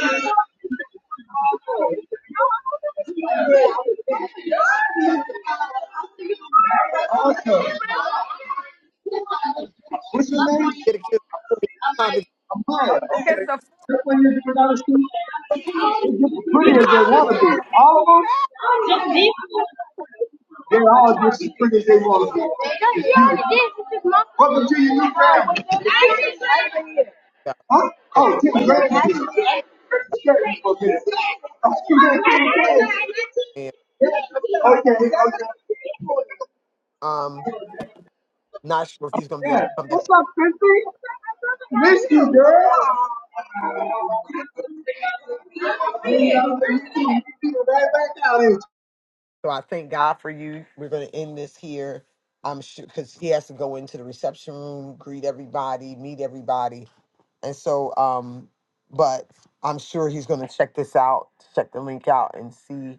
S9: What's your name?
S2: Get a kiss. Time to Yes.
S9: It's Pretty as they want to be. All of them. Welcome to your new family.
S2: yeah. So, and,
S9: Okay.
S2: um, not sure if he's gonna be able to come back. So I thank God for you. We're gonna end this here. I'm sure because he has to go into the reception room, greet everybody, meet everybody, and so um, but I'm sure he's gonna check this out, check the link out, and see.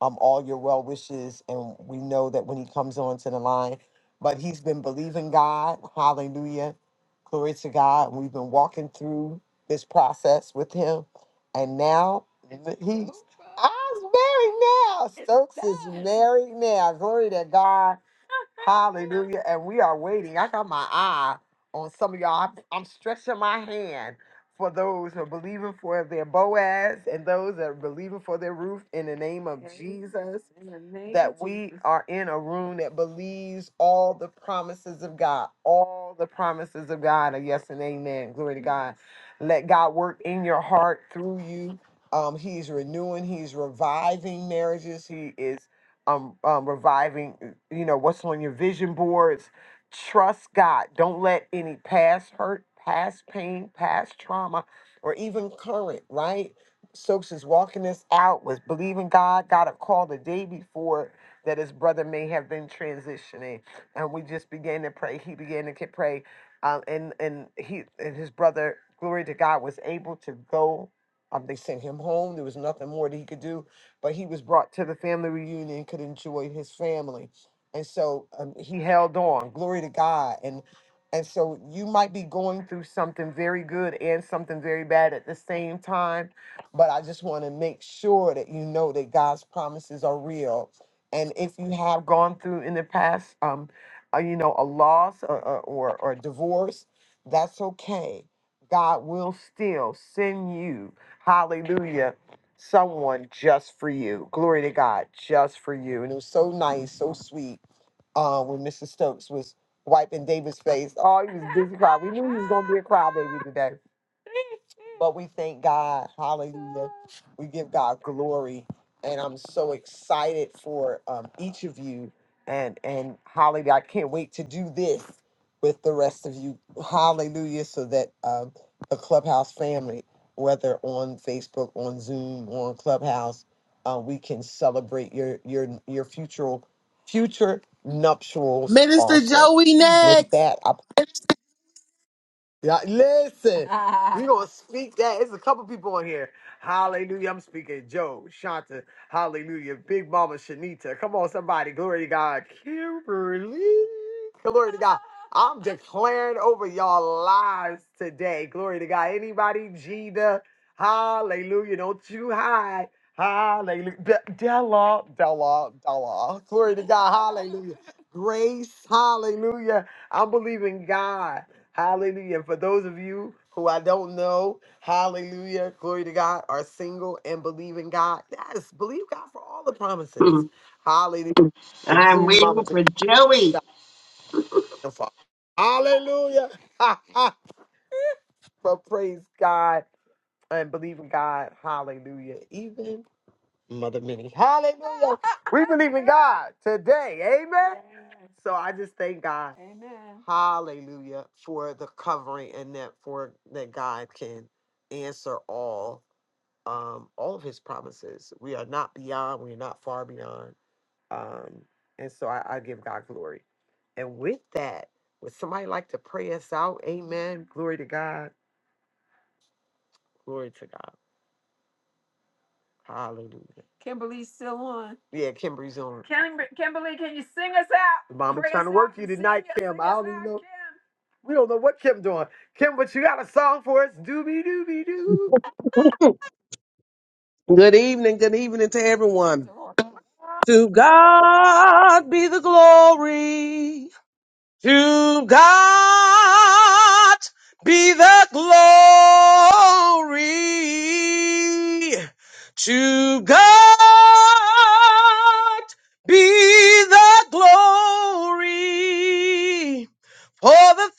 S2: um, all your well wishes. And we know that when he comes onto the line, but he's been believing God. Hallelujah. Glory to God. We've been walking through this process with him. And now th- he's I's married now. Stokes is married now. Glory to God. Hallelujah. And we are waiting. I got my eye on some of y'all. I'm, I'm stretching my hand for those who are believing for their Boaz and those that are believing for their roof in the name of Amen. Jesus. In the name That of we Jesus. are in a room that believes all the promises of God. All the promises of God are yes and amen. Glory to God. Let God work in your heart through you. Um, he's renewing, he's reviving marriages. He is um, um, reviving, you know, what's on your vision boards. Trust God. Don't let any past hurt, past pain, past trauma, or even current, right? Stokes is walking this out, was believing God, got a call the day before that his brother may have been transitioning. And we just began to pray. He began to get- pray. Um, and, and he and his brother, glory to God, was able to go. Um, they sent him home. There was nothing more that he could do but he was brought to the family reunion, and could enjoy his family. And so um, he held on. Glory to God. And and so you might be going through something very good and something very bad at the same time, but I just want to make sure that you know that God's promises are real. And if you have gone through in the past, um, uh, you know, a loss or or, or or divorce, that's okay. God will still send you, Hallelujah someone just for you. Glory to God, just for you. And it was so nice, so sweet. Uh, when Mrs. Stokes was wiping David's face, oh, he was busy crying. We knew he was gonna be a crybaby today. But we thank God. Hallelujah. We give God glory. And I'm so excited for um, each of you. And and hallelujah. I can't wait to do this with the rest of you. Hallelujah. So that um, the clubhouse family, whether on Facebook, on Zoom, on Clubhouse, uh, we can celebrate your your your future future nuptials
S14: Minister
S2: also.
S14: Joey next.
S2: With that, I yeah, listen. We gonna speak that. It's a couple people on here. Hallelujah. I'm speaking Joe, Shanta, Hallelujah, Big Mama Shanita. Come on, somebody. Glory to God. Kimberly. Glory to God. I'm declaring over y'all lives today. Glory to God. Anybody, Gina. Hallelujah. Don't you hide. Hallelujah. De- Della, Della, Della. Glory to God. Hallelujah. Grace. Hallelujah. I'm believing God. Hallelujah. And for those of you who I don't know, hallelujah, glory to God, are single and believe in God. Yes, believe God for all the
S8: Hmm.
S2: promises. Hallelujah.
S8: I'm
S2: Including
S8: waiting
S2: Mama Dr.
S8: for Joey.
S2: Father. Hallelujah. but praise God and believe in God. Hallelujah. Even Mother Minnie. Hallelujah. We believe in God today. Amen. So I just thank God. Amen. Hallelujah for the covering and that for that God can answer all um all of his promises. We are not beyond, we're not far beyond. Um and so I, I give God glory. And with that, would somebody like to pray us out? Amen. Glory to God. Glory to God. Hallelujah. Kimberly's still on. Yeah, Kimberly's on. Kimber- Kimberly, can you sing us out? Mama Praise trying to work Him. you Sing tonight, Kim. Sing I us don't even out, know. Kim. We don't know what Kim doing. Kim, but you got a song for us. Doobie doobie doo.
S13: good evening, good evening to everyone. To God be the glory. To God be the glory. To God be the glory. for the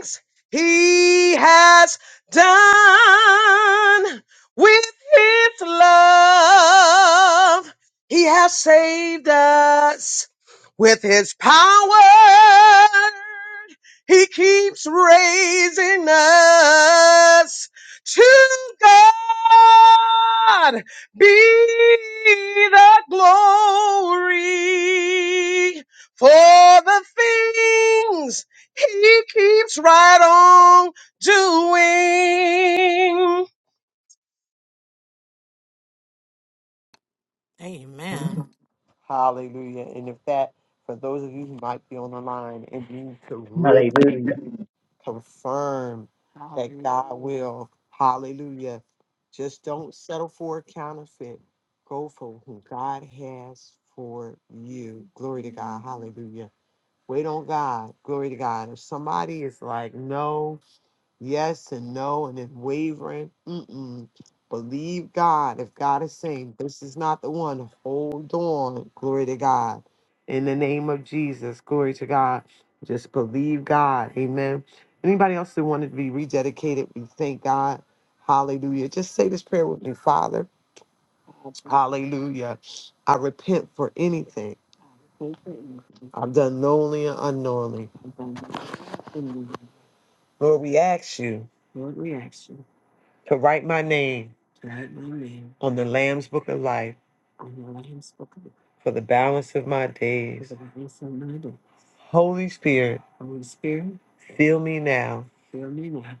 S13: things he has done with his love. He has saved us with his power. He keeps raising us to God be the glory for the things he keeps right on doing
S12: Amen.
S2: Hallelujah. And if that, for those of you who might be on the line and need to really.
S8: Hallelujah.
S2: confirm that God Hallelujah. will. Hallelujah. Just don't settle for a counterfeit. Go for who God has for you. Glory to God. Hallelujah. Wait on God. Glory to God. If somebody is like, no, yes and no and then wavering. Mm-mm. Believe God. If God is saying this is not the one, hold on. Glory to God. In the name of Jesus, glory to God. Just believe God. Amen. Anybody else that wanted to be rededicated, we thank God. Hallelujah. Just say this prayer with me, Father. Hallelujah. I repent for anything I've done knowingly and unknowingly. Lord, we ask you Lord, we ask you to write my name to write my name on the Lamb's Book of Life on the Lamb's Book of Life for the balance of my for days. the rest of my days. Holy Spirit, Holy Spirit, fill me now fill me now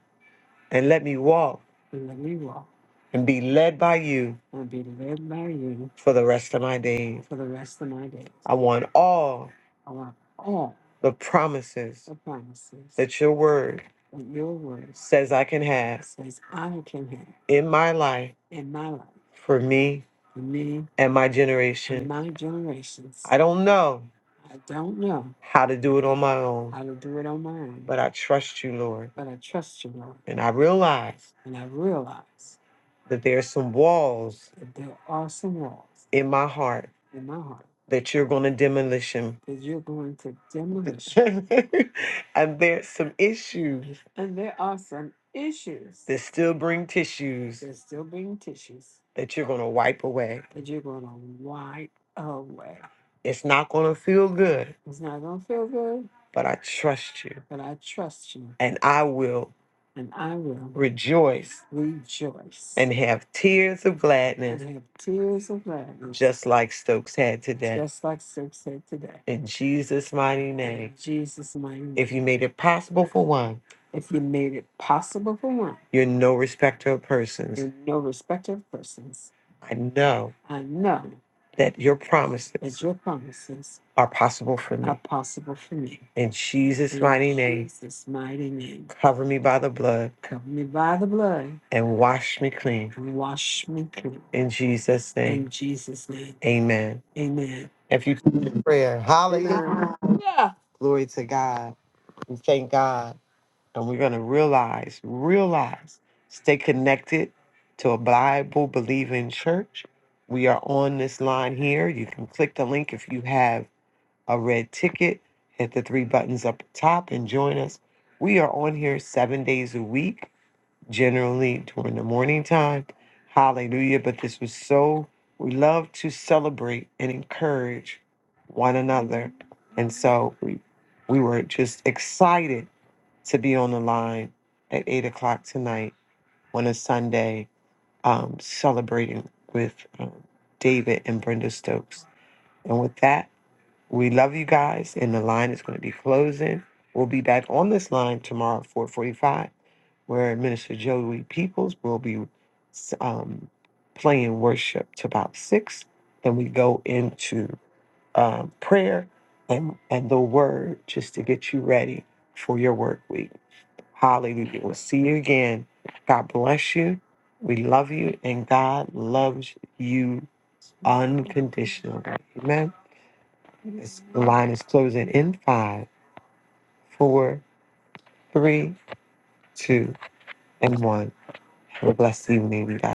S2: and let me walk and let me walk and be led by you and be led by you for the rest of my days. for the rest of my days. I want all I want all the promises the promises that your word that your word says I can have says I can have in my life in my life for me for me and my and generation. my generations. I don't know I don't know how to do it on my own, how to do it on my own, but I trust you, Lord. but I trust you, Lord. And I realize And I realize that there are some walls that there are some walls in my heart in my heart that you're going to demolish them. that you're going to demolish. and there's some issues And there are some issues that still bring tissues that still bring tissues that you're going to wipe away. that you're going to wipe away. It's not going to feel good, It's not going to feel good, but I trust you but I trust you and I will and I will rejoice rejoice and have tears of gladness, and have tears of gladness, just like Stokes had today. just like Six said today. In Jesus' mighty In name. Jesus' mighty name. If you made it possible for one, If you made it possible for one, you're no respecter of persons. you're no respecter of persons. I know I know that your that promises your promises are possible for are me. possible for me. In Jesus' In mighty name, Jesus' mighty name, cover me by the blood cover me by the blood and wash me clean. and wash me clean. In Jesus' name, In Jesus' name, amen. amen. If you come in prayer,
S15: Amen.
S2: hallelujah. Yeah. Glory to God. We thank God. And we're going to realize, realize, stay connected to a Bible believing church. We are on this line here. You can click the link if you have a red ticket, hit the three buttons up top and join us. We are on here seven days a week, generally during the morning time. Hallelujah. But this was so, we love to celebrate and encourage one another. And so we, we were just excited to be on the line at eight o'clock tonight on a Sunday, um, celebrating with um, David and Brenda Stokes. And with that, we love you guys, and the line is going to be closing. We'll be back on this line tomorrow at four forty-five, where Minister Joey Peoples will be um, playing worship to about six. Then we go into um, prayer and and the word just to get you ready for your work week. Hallelujah. We'll see you again. God bless you. We love you, and God loves you unconditionally. Amen. This line is closing in five, four, three, two, and one. Have a blessed evening, you guys.